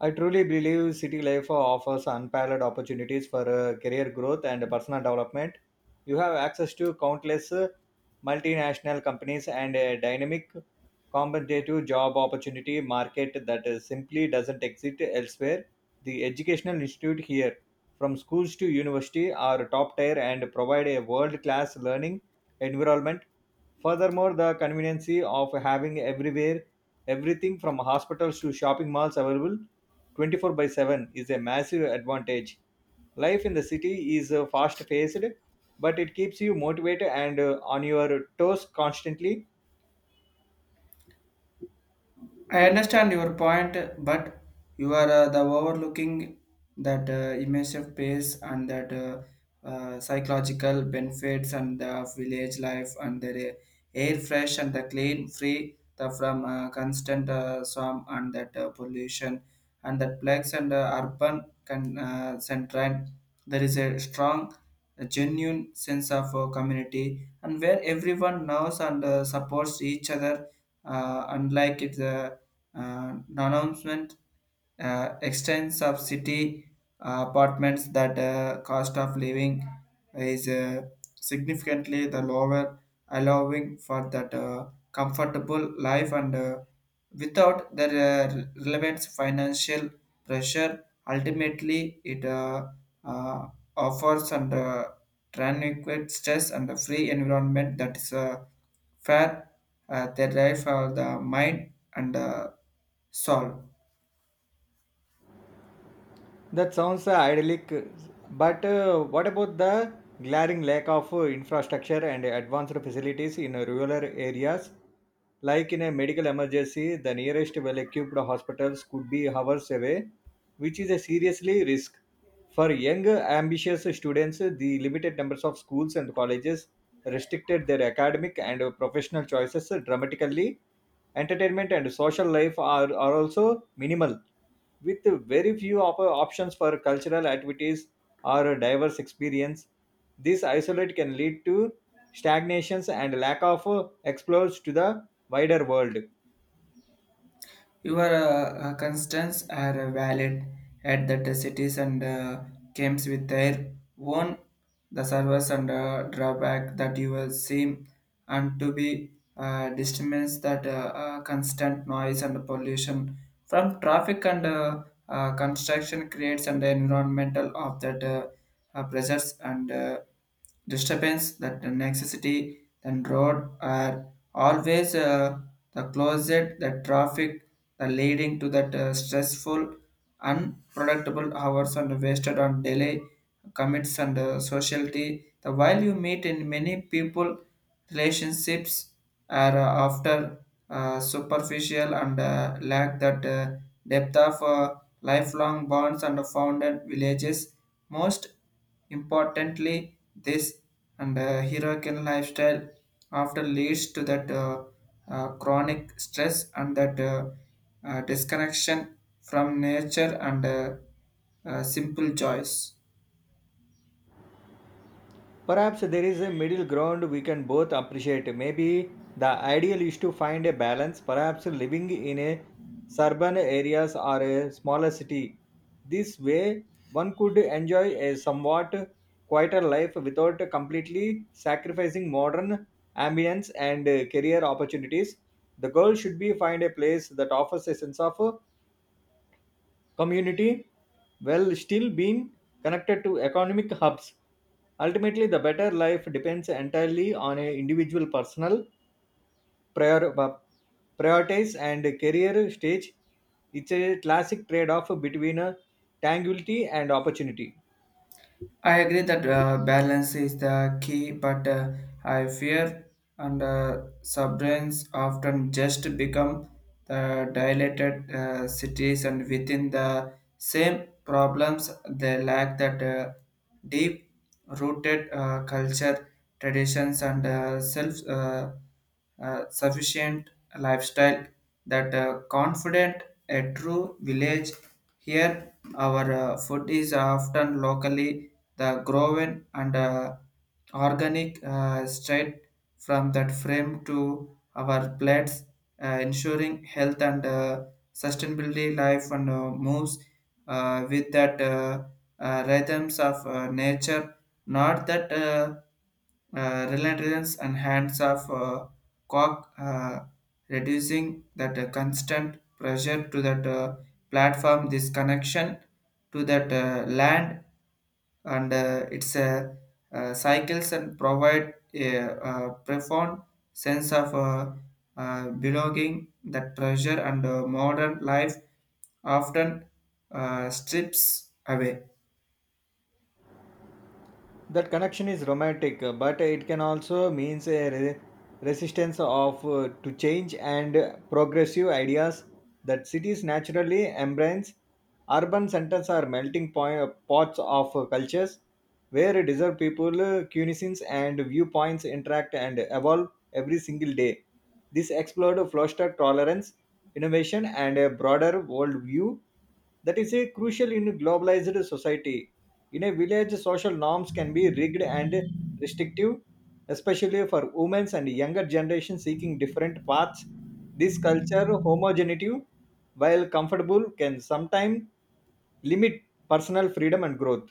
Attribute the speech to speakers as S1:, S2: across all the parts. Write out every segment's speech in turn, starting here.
S1: I truly believe city life offers unparalleled opportunities for career growth and personal development. You have access to countless multinational companies and a dynamic, competitive job opportunity market that simply doesn't exist elsewhere. The educational institute here, from schools to university, are top tier and provide a world class learning environment. Furthermore, the convenience of having everywhere everything from hospitals to shopping malls available 24 by 7 is a massive advantage. Life in the city is fast paced, but it keeps you motivated and on your toes constantly.
S2: I understand your point, but you are the overlooking that immersive pace and that psychological benefits and the village life and the air fresh and the clean, free the from constant swarm and that pollution and that plagues and central. There is a strong, a genuine sense of community and where everyone knows and supports each other, unlike it's. The announcement extends of city apartments that cost of living is significantly the lower, allowing for that comfortable life and without the relevant financial pressure. Ultimately, it uh, offers and tranquil stress and a free environment that is fair, the life for the mind and solve.
S1: That sounds idyllic, but what about the glaring lack of infrastructure and advanced facilities in rural areas? Like in a medical emergency, the nearest well equipped hospitals could be hours away, which is a seriously risk. For young, ambitious students, the limited numbers of schools and colleges restricted their academic and professional choices dramatically. Entertainment and social life are also minimal, with very few options for cultural activities or diverse experience. This isolate can lead to stagnations and lack of exposure to the wider world.
S2: Your constraints are valid at that the cities and comes with their own the service and drawback that you will see and to be disturbance that constant noise and pollution from traffic and construction creates an environmental of that pressures and disturbance that the necessity and road are always the closet, the traffic, the leading to that stressful, unproductible hours and wasted on delay commits and sociality. The while you meet in many people, relationships are after superficial and lack that depth of lifelong bonds and founded villages. Most importantly, this and heroic lifestyle often leads to that chronic stress and that disconnection from nature and simple joys.
S1: Perhaps there is a middle ground we can both appreciate. Maybe the ideal is to find a balance, perhaps living in a suburban areas or a smaller city. This way one could enjoy a somewhat quieter life without completely sacrificing modern ambience and career opportunities. The goal should be find a place that offers a sense of community while still being connected to economic hubs. Ultimately, the better life depends entirely on an individual personal prior, uh, priorities and career stage. It's a classic trade off between tangibility and opportunity.
S2: I agree that balance is the key, but I fear and subbrains often just become the dilated cities, and within the same problems, they lack that deep rooted culture, traditions, and self. Sufficient lifestyle that confident a true village here our food is often locally the grown and organic straight from that frame to our plates ensuring health and sustainability life and moves with that rhythms of nature not that relentless and hands off cock, reducing that constant pressure to that platform, this connection to that land, and its cycles and provide a, profound sense of belonging. That pressure and modern life often strips away.
S1: That connection is romantic but it can also means a resistance of to change and progressive ideas that cities naturally embrace. Urban centers are melting pots of cultures where deserved people, cuisines and viewpoints interact and evolve every single day. This explored fostered tolerance, innovation and a broader worldview that is a crucial in globalized society. In a village, social norms can be rigged and restrictive, especially for women and younger generation seeking different paths. This culture homogeneity, while comfortable, can sometimes limit personal freedom and growth.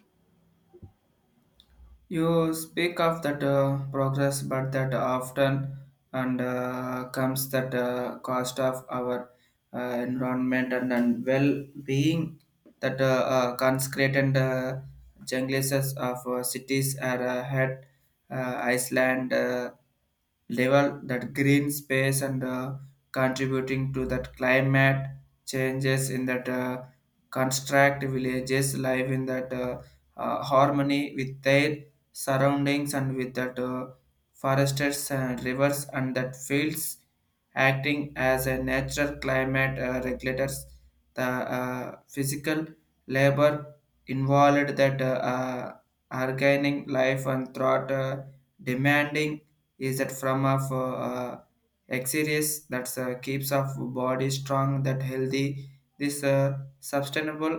S2: You speak of that progress, but that often and comes that cost of our uh, environment and well-being. That conscript and jungles of cities are had Iceland level that green space and contributing to that climate changes in that construct villages live in that harmony with their surroundings and with that forests and rivers and that fields acting as a natural climate regulators the physical labor involved that organic life and thought demanding is that from of exercise that keeps of body strong that healthy this sustainable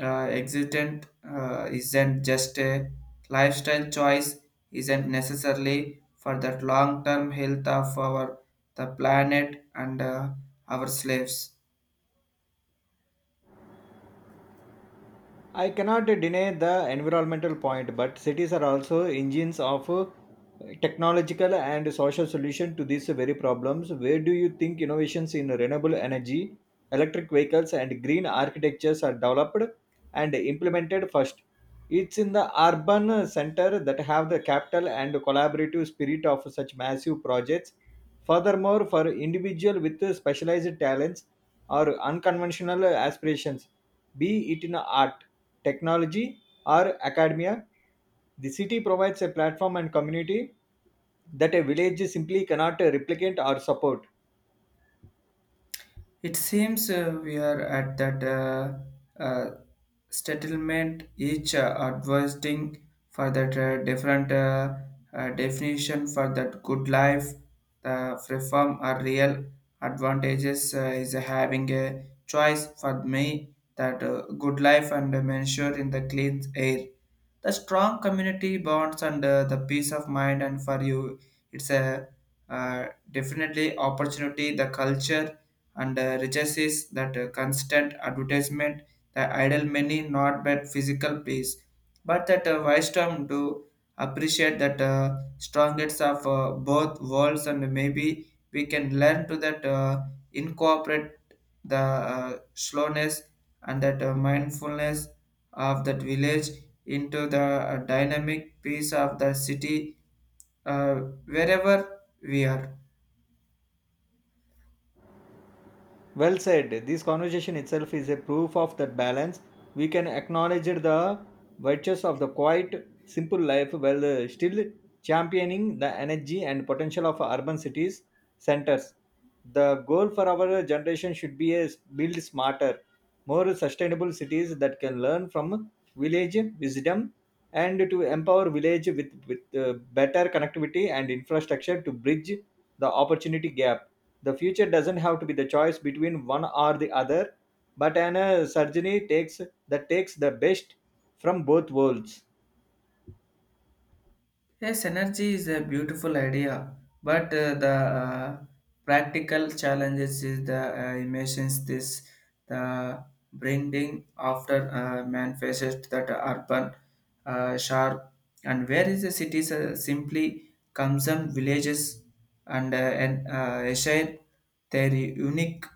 S2: existent isn't just a lifestyle choice isn't necessarily for that long-term health of our the planet and our slaves.
S1: I cannot deny the environmental point, but cities are also engines of technological and social solution to these very problems. Where do you think innovations in renewable energy, electric vehicles, and green architectures are developed and implemented first? It's in the urban center that have the capital and collaborative spirit of such massive projects. Furthermore, for individual with specialized talents or unconventional aspirations, be it in art, technology, or academia, the city provides a platform and community that a village simply cannot replicate or support.
S2: It seems we are at that uh, settlement, each advising for that different definition for that good life, the reform or real advantages is having a choice for me that good life and ensure in the clean air. The strong community bonds and the peace of mind and for you, it's a definitely opportunity, the culture and riches is that constant advertisement the idle many not but physical peace but that wisdom do appreciate that strongest of both worlds and maybe we can learn to that incorporate the slowness and that mindfulness of that village into the dynamic piece of the city uh, wherever we are.
S1: Well said. This conversation itself is a proof of that balance. We can acknowledge the virtues of the quiet, simple life while still championing the energy and potential of urban cities centers. The goal for our generation should be a build smarter, more sustainable cities that can learn from village wisdom and to empower village with better connectivity and infrastructure to bridge the opportunity gap. The future doesn't have to be the choice between one or the other, but an surgery takes the best from both worlds.
S2: Yes, energy is a beautiful idea, but the practical challenges is the emissions this the bringing after man faces that urban sharp and where is the cities simply consume villages and uh, and share their unique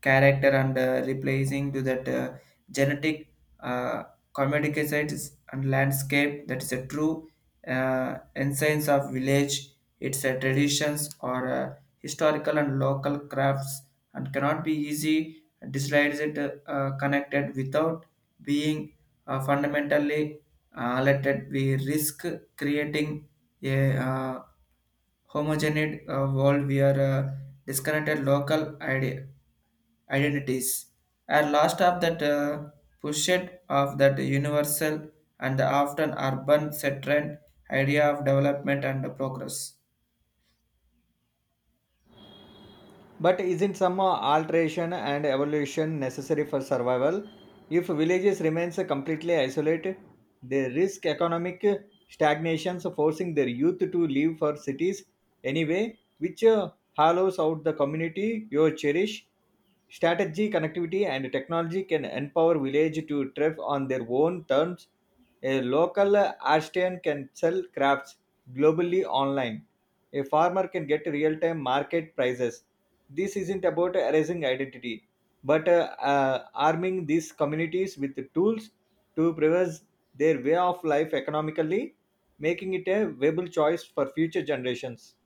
S2: character and replacing to that genetic uh, commoditizates and landscape that is a true uh, essence of village. It's a traditions or a historical and local crafts and cannot be easy dislikes it connected without being fundamentally let we risk creating a homogeneous world where disconnected local idea identities are lost of that pushed of that universal and the often urban centered idea of development and progress.
S1: But isn't some alteration and evolution necessary for survival? If villages remains completely isolated, they risk economic stagnations, forcing their youth to leave for cities anyway, which hollows out the community you cherish. Strategy, connectivity, and technology can empower village to thrive on their own terms. A local artisan can sell crafts globally online. A farmer can get real time market prices. This isn't about erasing identity, but arming these communities with the tools to preserve their way of life economically, making it a viable choice for future generations.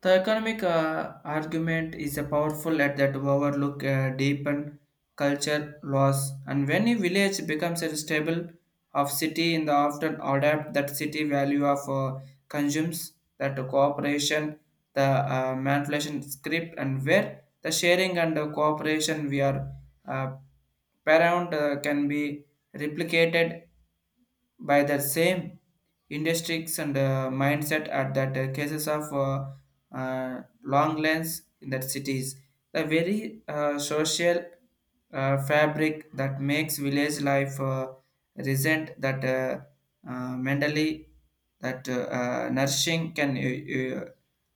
S2: The economic argument is a powerful at that overlook deepen culture loss and when a village becomes a stable of city in the often adapt that city value of consumes that cooperation the manipulation script and where the sharing and cooperation we are uh, paramount can be replicated by the same industries and mindset at that cases of long lens in that cities the very social fabric that makes village life resent that mentally that nourishing can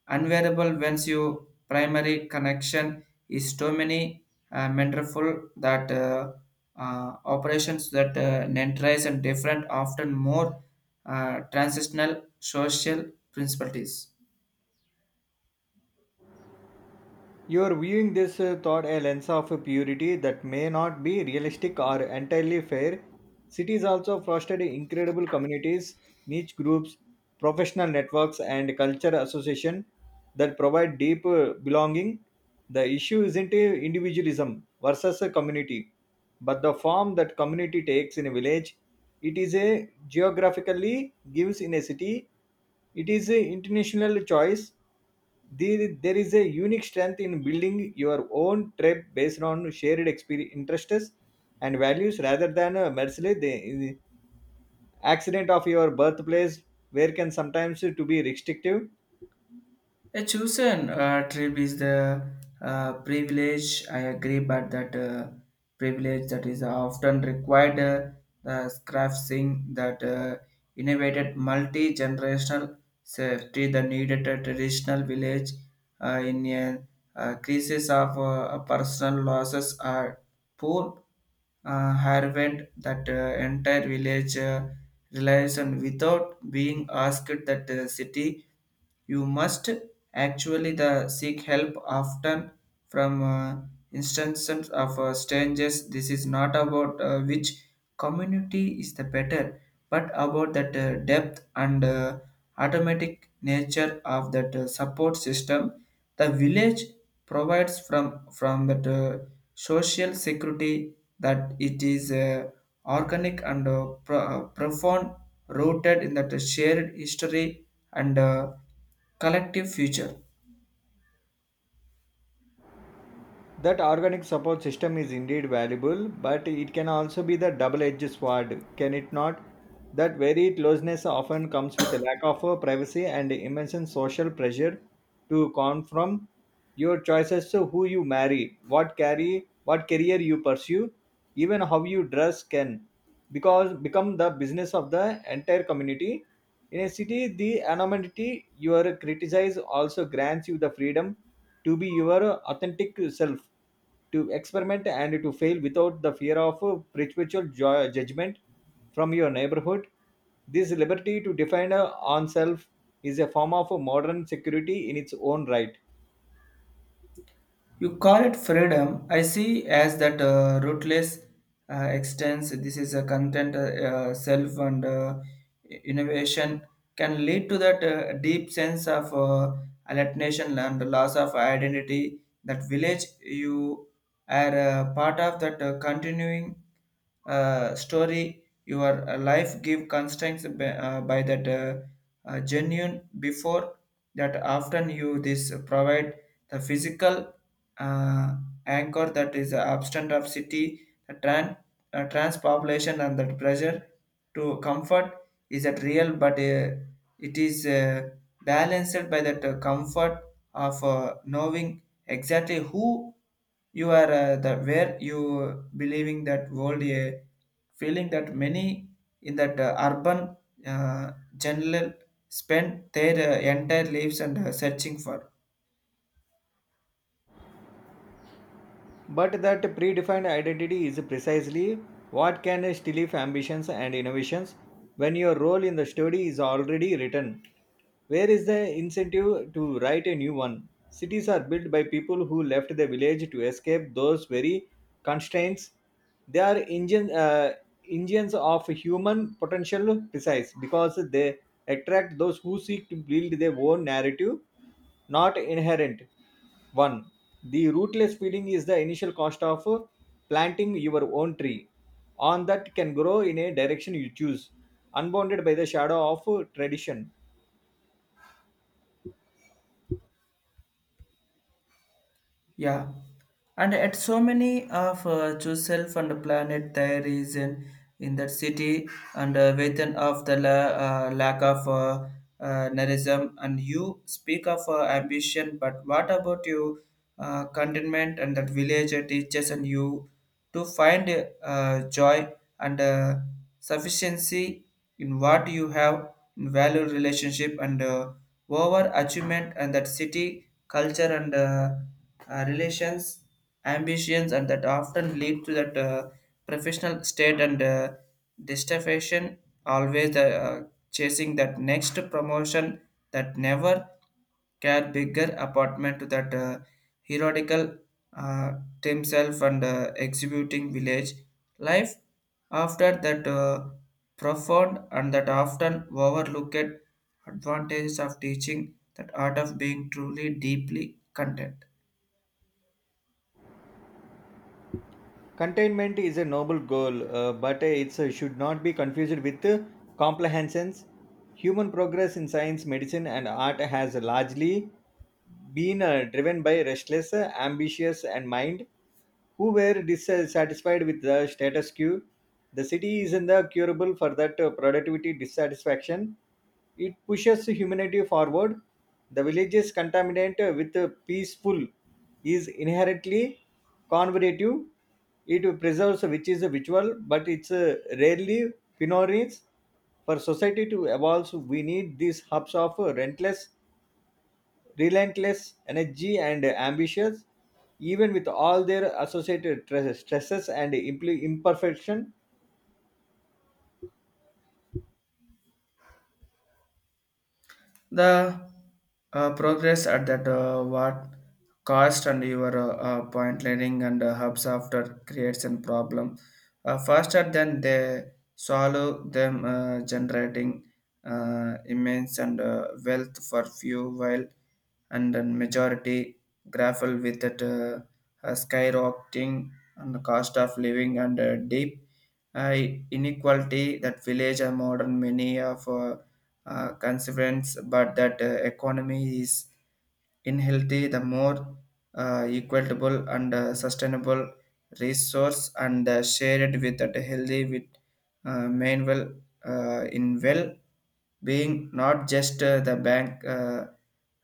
S2: unwearable once you primary connection is too many mentorful that operations that nentarize and different, often more transitional social principles.
S1: You are viewing this thought a lens of purity that may not be realistic or entirely fair. Cities also fostered incredible communities, niche groups, professional networks, and culture association that provide deep belonging. The issue isn't individualism versus a community, but the form that community takes in a village. It is a geographically gives in a city. It is an international choice there is a unique strength in building your own tribe based on shared interests and values rather than merely the accident of your birthplace, where can sometimes to be restrictive.
S2: A chosen tribe is the privilege. I agree, but that privilege that is often required. The crafting that innovated multi-generational safety the needed a traditional village in a crisis of personal losses are poor Harvard that entire village relies on without being asked that city you must actually the seek help often from instances of strangers. This is not about which community is the better, but about that depth and automatic nature of that support system, the village provides from that social security that it is organic and profound rooted in that shared history and collective future.
S1: That organic support system is indeed valuable, but it can also be the double-edged sword, can it not? That very closeness often comes with a lack of privacy and immense social pressure to come your choices to who you marry, what career you pursue, even how you dress can because become the business of the entire community. In a city, the anonymity you are criticized also grants you the freedom to be your authentic self, to experiment and to fail without the fear of perpetual judgment from your neighborhood. This liberty to define oneself is a form of modern security in its own right.
S2: You call it freedom. I see as that rootless extends. This is a content, self, and innovation can lead to that deep sense of alienation and loss of identity. That village you are part of that continuing story. Your life give constraints by that genuine before that often you this provide the physical uh, anchor that is absent of city the trans population and that pressure to comfort is that real but it is balanced by that comfort of knowing exactly who you are the where you believing that world feeling that many in that urban uh, general spend their entire lives and searching for.
S1: But that predefined identity is precisely what can stifle ambitions and innovations when your role in the study is already written. Where is the incentive to write a new one? Cities are built by people who left the village to escape those very constraints. They are engines of human potential precise because they attract those who seek to build their own narrative, not inherent one. The rootless feeling is the initial cost of planting your own tree. On that can grow in a direction you choose, unbounded by the shadow of tradition.
S2: Yeah, and at so many of yourself and the planet there is in that city and within of the lack of narratism and you speak of ambition, but what about your contentment and that village teaches and you to find joy and sufficiency in what you have in value relationship and over achievement and that city culture and relations ambitions and that often lead to that professional state and dissatisfaction always chasing that next promotion that never care bigger apartment to that herodical uh, himself and executing village life after that profound and that often overlooked advantages of teaching that art of being truly deeply content.
S1: Containment is a noble goal, but it should not be confused with complacency. Human progress in science, medicine, and art has largely been driven by restless, ambitious, and mind who were dissatisfied with the status quo. The city is in the curable for that productivity dissatisfaction. It pushes humanity forward. The village's contaminant with peaceful is inherently conservative. It preserves which is virtual, but it's rarely pioneers. For society to evolve, we need these hubs of relentless energy and ambitions, even with all their associated stresses and imperfection.
S2: The progress at that what cost and your point learning and hubs after creates a problem faster than they solve them generating immense and wealth for few while and then majority grapple with that skyrocketing and the cost of living and deep uh, inequality that village and modern many of consequence, but that economy is inheritly the more equitable and sustainable resource and shared with that healthy with main well in well being not just the bank uh,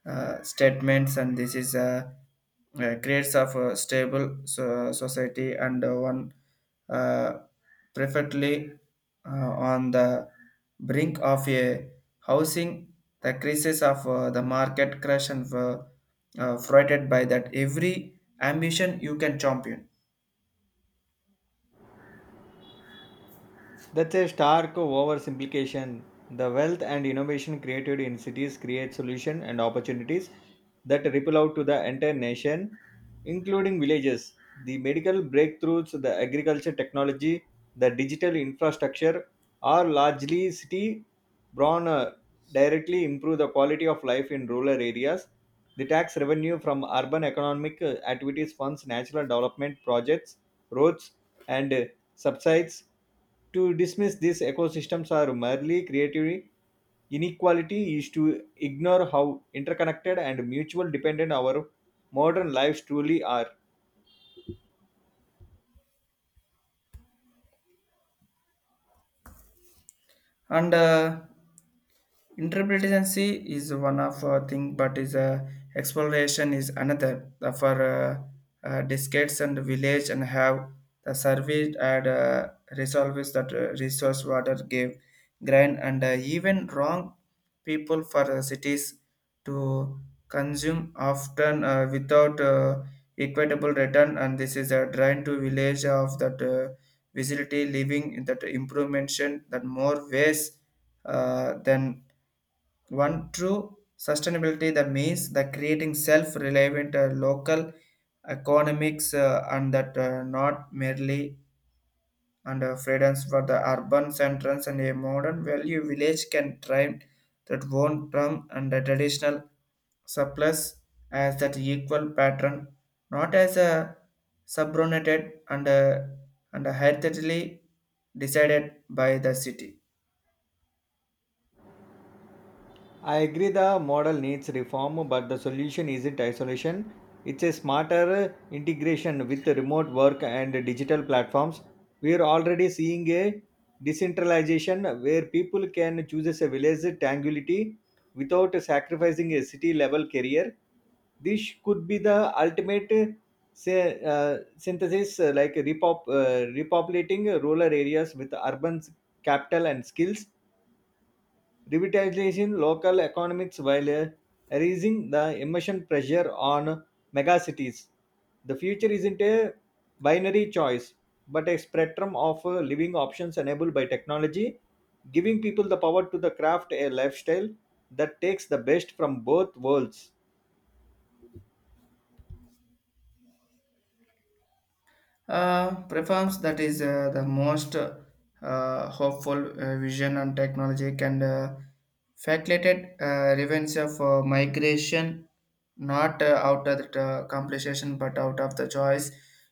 S2: uh, statements and this is creates of a stable society and one uh, perfectly on the brink of a housing the crisis of the market crash and frighted by that every ambition you can champion
S1: That's a stark oversimplification. The wealth and innovation created in cities create solutions and opportunities that ripple out to the entire nation, including villages. The medical breakthroughs, the agriculture technology, the digital infrastructure are largely city born directly improve the quality of life in rural areas. The tax revenue from urban economic activities funds national development projects, roads, and subsides to dismiss these ecosystems are merely creative inequality is to ignore how interconnected and mutual dependent our modern lives truly are.
S2: and Interpretancy is one of a thing, but is exploration is another. The for decades and village and have the surveyed and resolves that resource water gave grind and even wrong people for the cities to consume often without equitable return, and this is a drain to village of that visibility living in that improvement that more ways than one. True sustainability that means the creating self-reliant local economics and that not merely under freedoms for the urban centers, and a modern value village can thrive that won't term and the traditional surplus as that equal pattern, not as a subordinated and heritably decided by the city.
S1: I agree the model needs reform, but the solution isn't isolation. It's a smarter integration with remote work and digital platforms. We are already seeing a decentralization where people can choose a village tangularity without sacrificing a city level career. This could be the ultimate synthesis, like repopulating rural areas with urban capital and skills revitalizing local economics while raising the emission pressure on megacities. The future isn't a binary choice, but a spectrum of living options enabled by technology, giving people the power to the craft a lifestyle that takes the best from both worlds.
S2: Performs that is the most hopeful vision on technology and facilitated revenge of migration, not out of the compensation but out of the choice.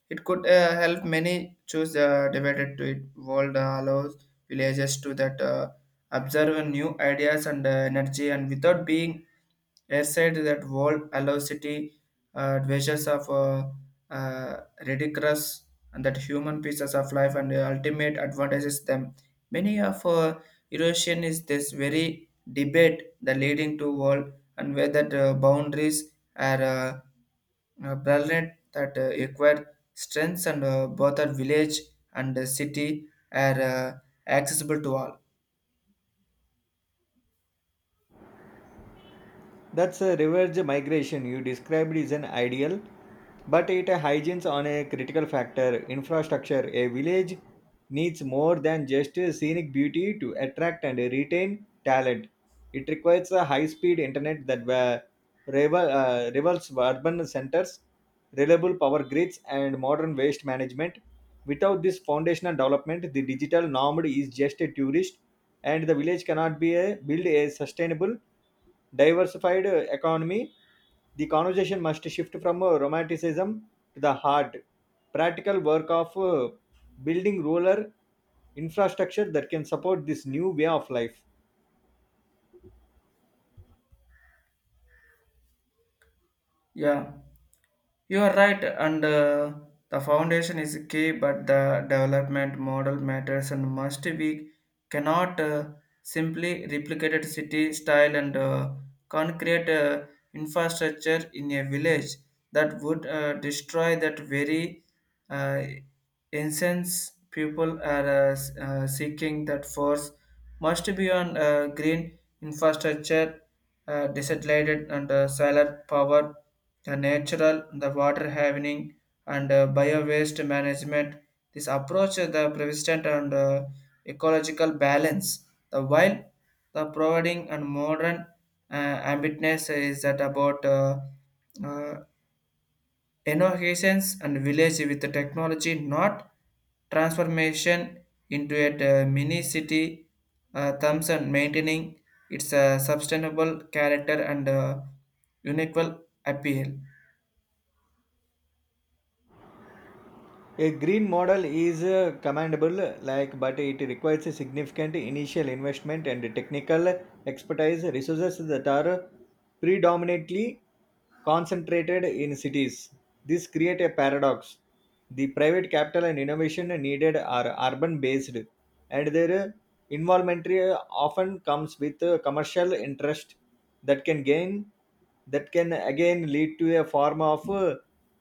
S2: It could help many choose divided to it world allows villages to that observe new ideas and energy, and without being airside that world allows city adventures of ridiculous and that human pieces of life and the ultimate advantages them. Many of erosion is this very debate the leading to world, and whether the boundaries are brilliant that require strengths and both are village and city are accessible to all.
S1: That's a reverse migration you described is an ideal, but it hygiene's on a critical factor. Infrastructure. A village needs more than just scenic beauty to attract and retain talent. It requires a high-speed internet that were rivals urban centers, reliable power grids, and modern waste management. Without this foundational development, the digital nomad is just a tourist, and the village cannot build a sustainable, diversified economy. The conversation must shift from romanticism to the hard, practical work of building rural infrastructure that can support this new way of life.
S2: Yeah. You are right, and the foundation is key, but the development model matters and must be cannot simply replicated city style, and concrete infrastructure in a village that would destroy that very uh, essence people are seeking. That force must be on green infrastructure, desaturated and solar power, the natural, the water having, and bio-waste management. This approach the persistent and ecological balance. The while the providing and modern ambitness is that about uh, innovations and village with the technology, not transformation into a mini city. Thumbs and maintaining its sustainable character and unequal appeal.
S1: A green model is commendable, like, but it requires a significant initial investment and technical expertise resources that are predominantly concentrated in cities. This creates a paradox. The private capital and innovation needed are urban based, and their involvement often comes with commercial interest that can gain that can again lead to a form of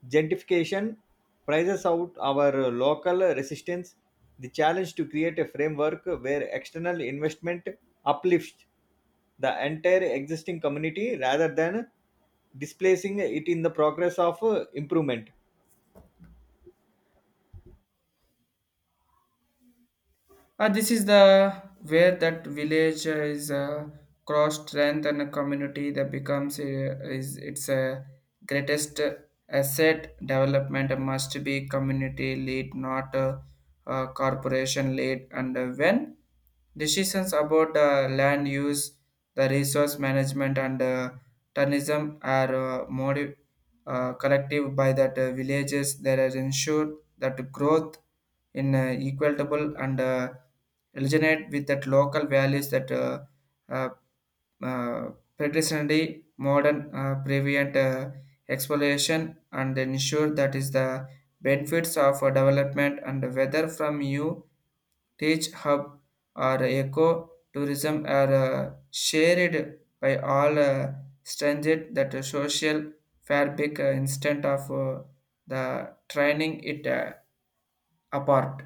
S1: gentrification prices out our local resistance, the challenge to create a framework where external investment uplifts the entire existing community rather than displacing it in the progress of improvement.
S2: This is the where that village is cross strength, and a community that becomes is its greatest asset. Development must be community lead, not corporation lead. And when decisions about land use, the resource management, and tourism are collective by that villages, that has ensured that growth in equitable and resonate with that local values that uh, uh, traditionally modern prevent exploration and ensure that is the benefits of development, and whether from you teach hub or eco tourism are shared by all, strengthened that the social fabric instead of the training it apart.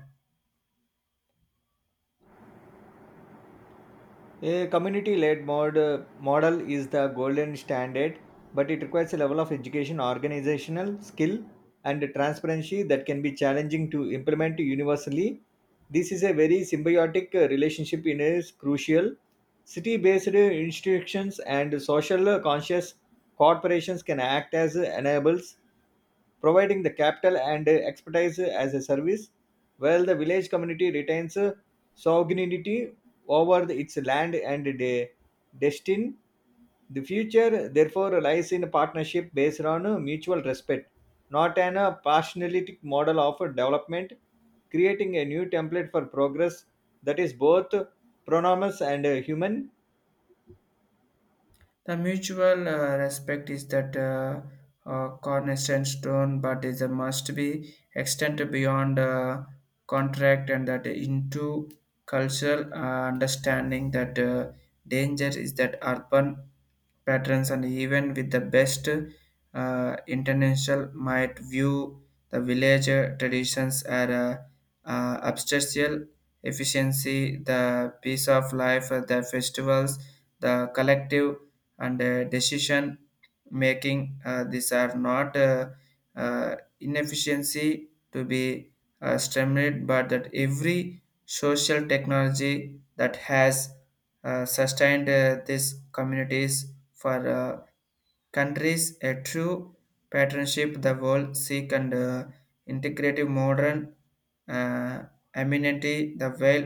S1: A community led model is the golden standard, but it requires a level of education, organizational skill, and transparency that can be challenging to implement universally. This is a very symbiotic relationship in is crucial. City based institutions and social conscious corporations can act as enablers providing the capital and expertise as a service, while the village community retains sovereignty over its land and destiny. The future, therefore, lies in a partnership based on a mutual respect, not an a partialistic model of a development, creating a new template for progress that is both pronomous and human.
S2: The mutual respect is that cornerstone stone, but is a must be extended beyond contract and that into cultural understanding that danger is that urban patterns, and even with the best international might view the village traditions as a obstacle efficiency. The peace of life, the festivals, the collective, and decision making, these are not inefficiency to be stimulated, but that every social technology that has sustained these communities for countries. A true partnership the world seek and integrative modern uh, amenity the well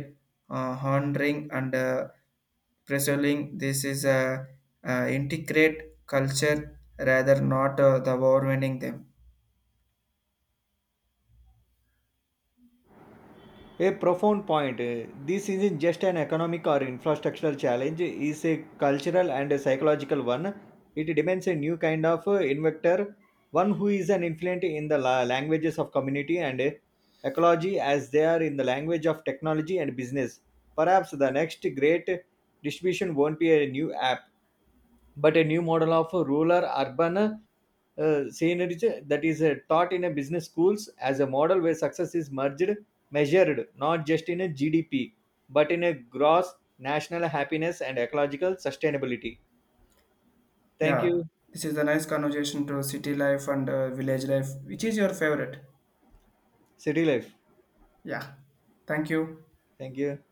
S2: honoring and preserving this is a integrate culture, rather not the overwhelming them.
S1: A profound point. This isn't just an economic or infrastructural challenge, it's a cultural and a psychological one. It demands a new kind of inventor, one who is an influent in the languages of community and ecology as they are in the language of technology and business. Perhaps the next great distribution won't be a new app, but a new model of rural urban scenery that is taught in a business schools as a model where success is merged measured not just in a GDP but in a gross national happiness and ecological sustainability. Thank
S2: Yeah,
S1: you.
S2: this is a nice conversation. To city life and village life, which is your favorite?
S1: City life.
S2: Yeah. Thank you.
S1: Thank you.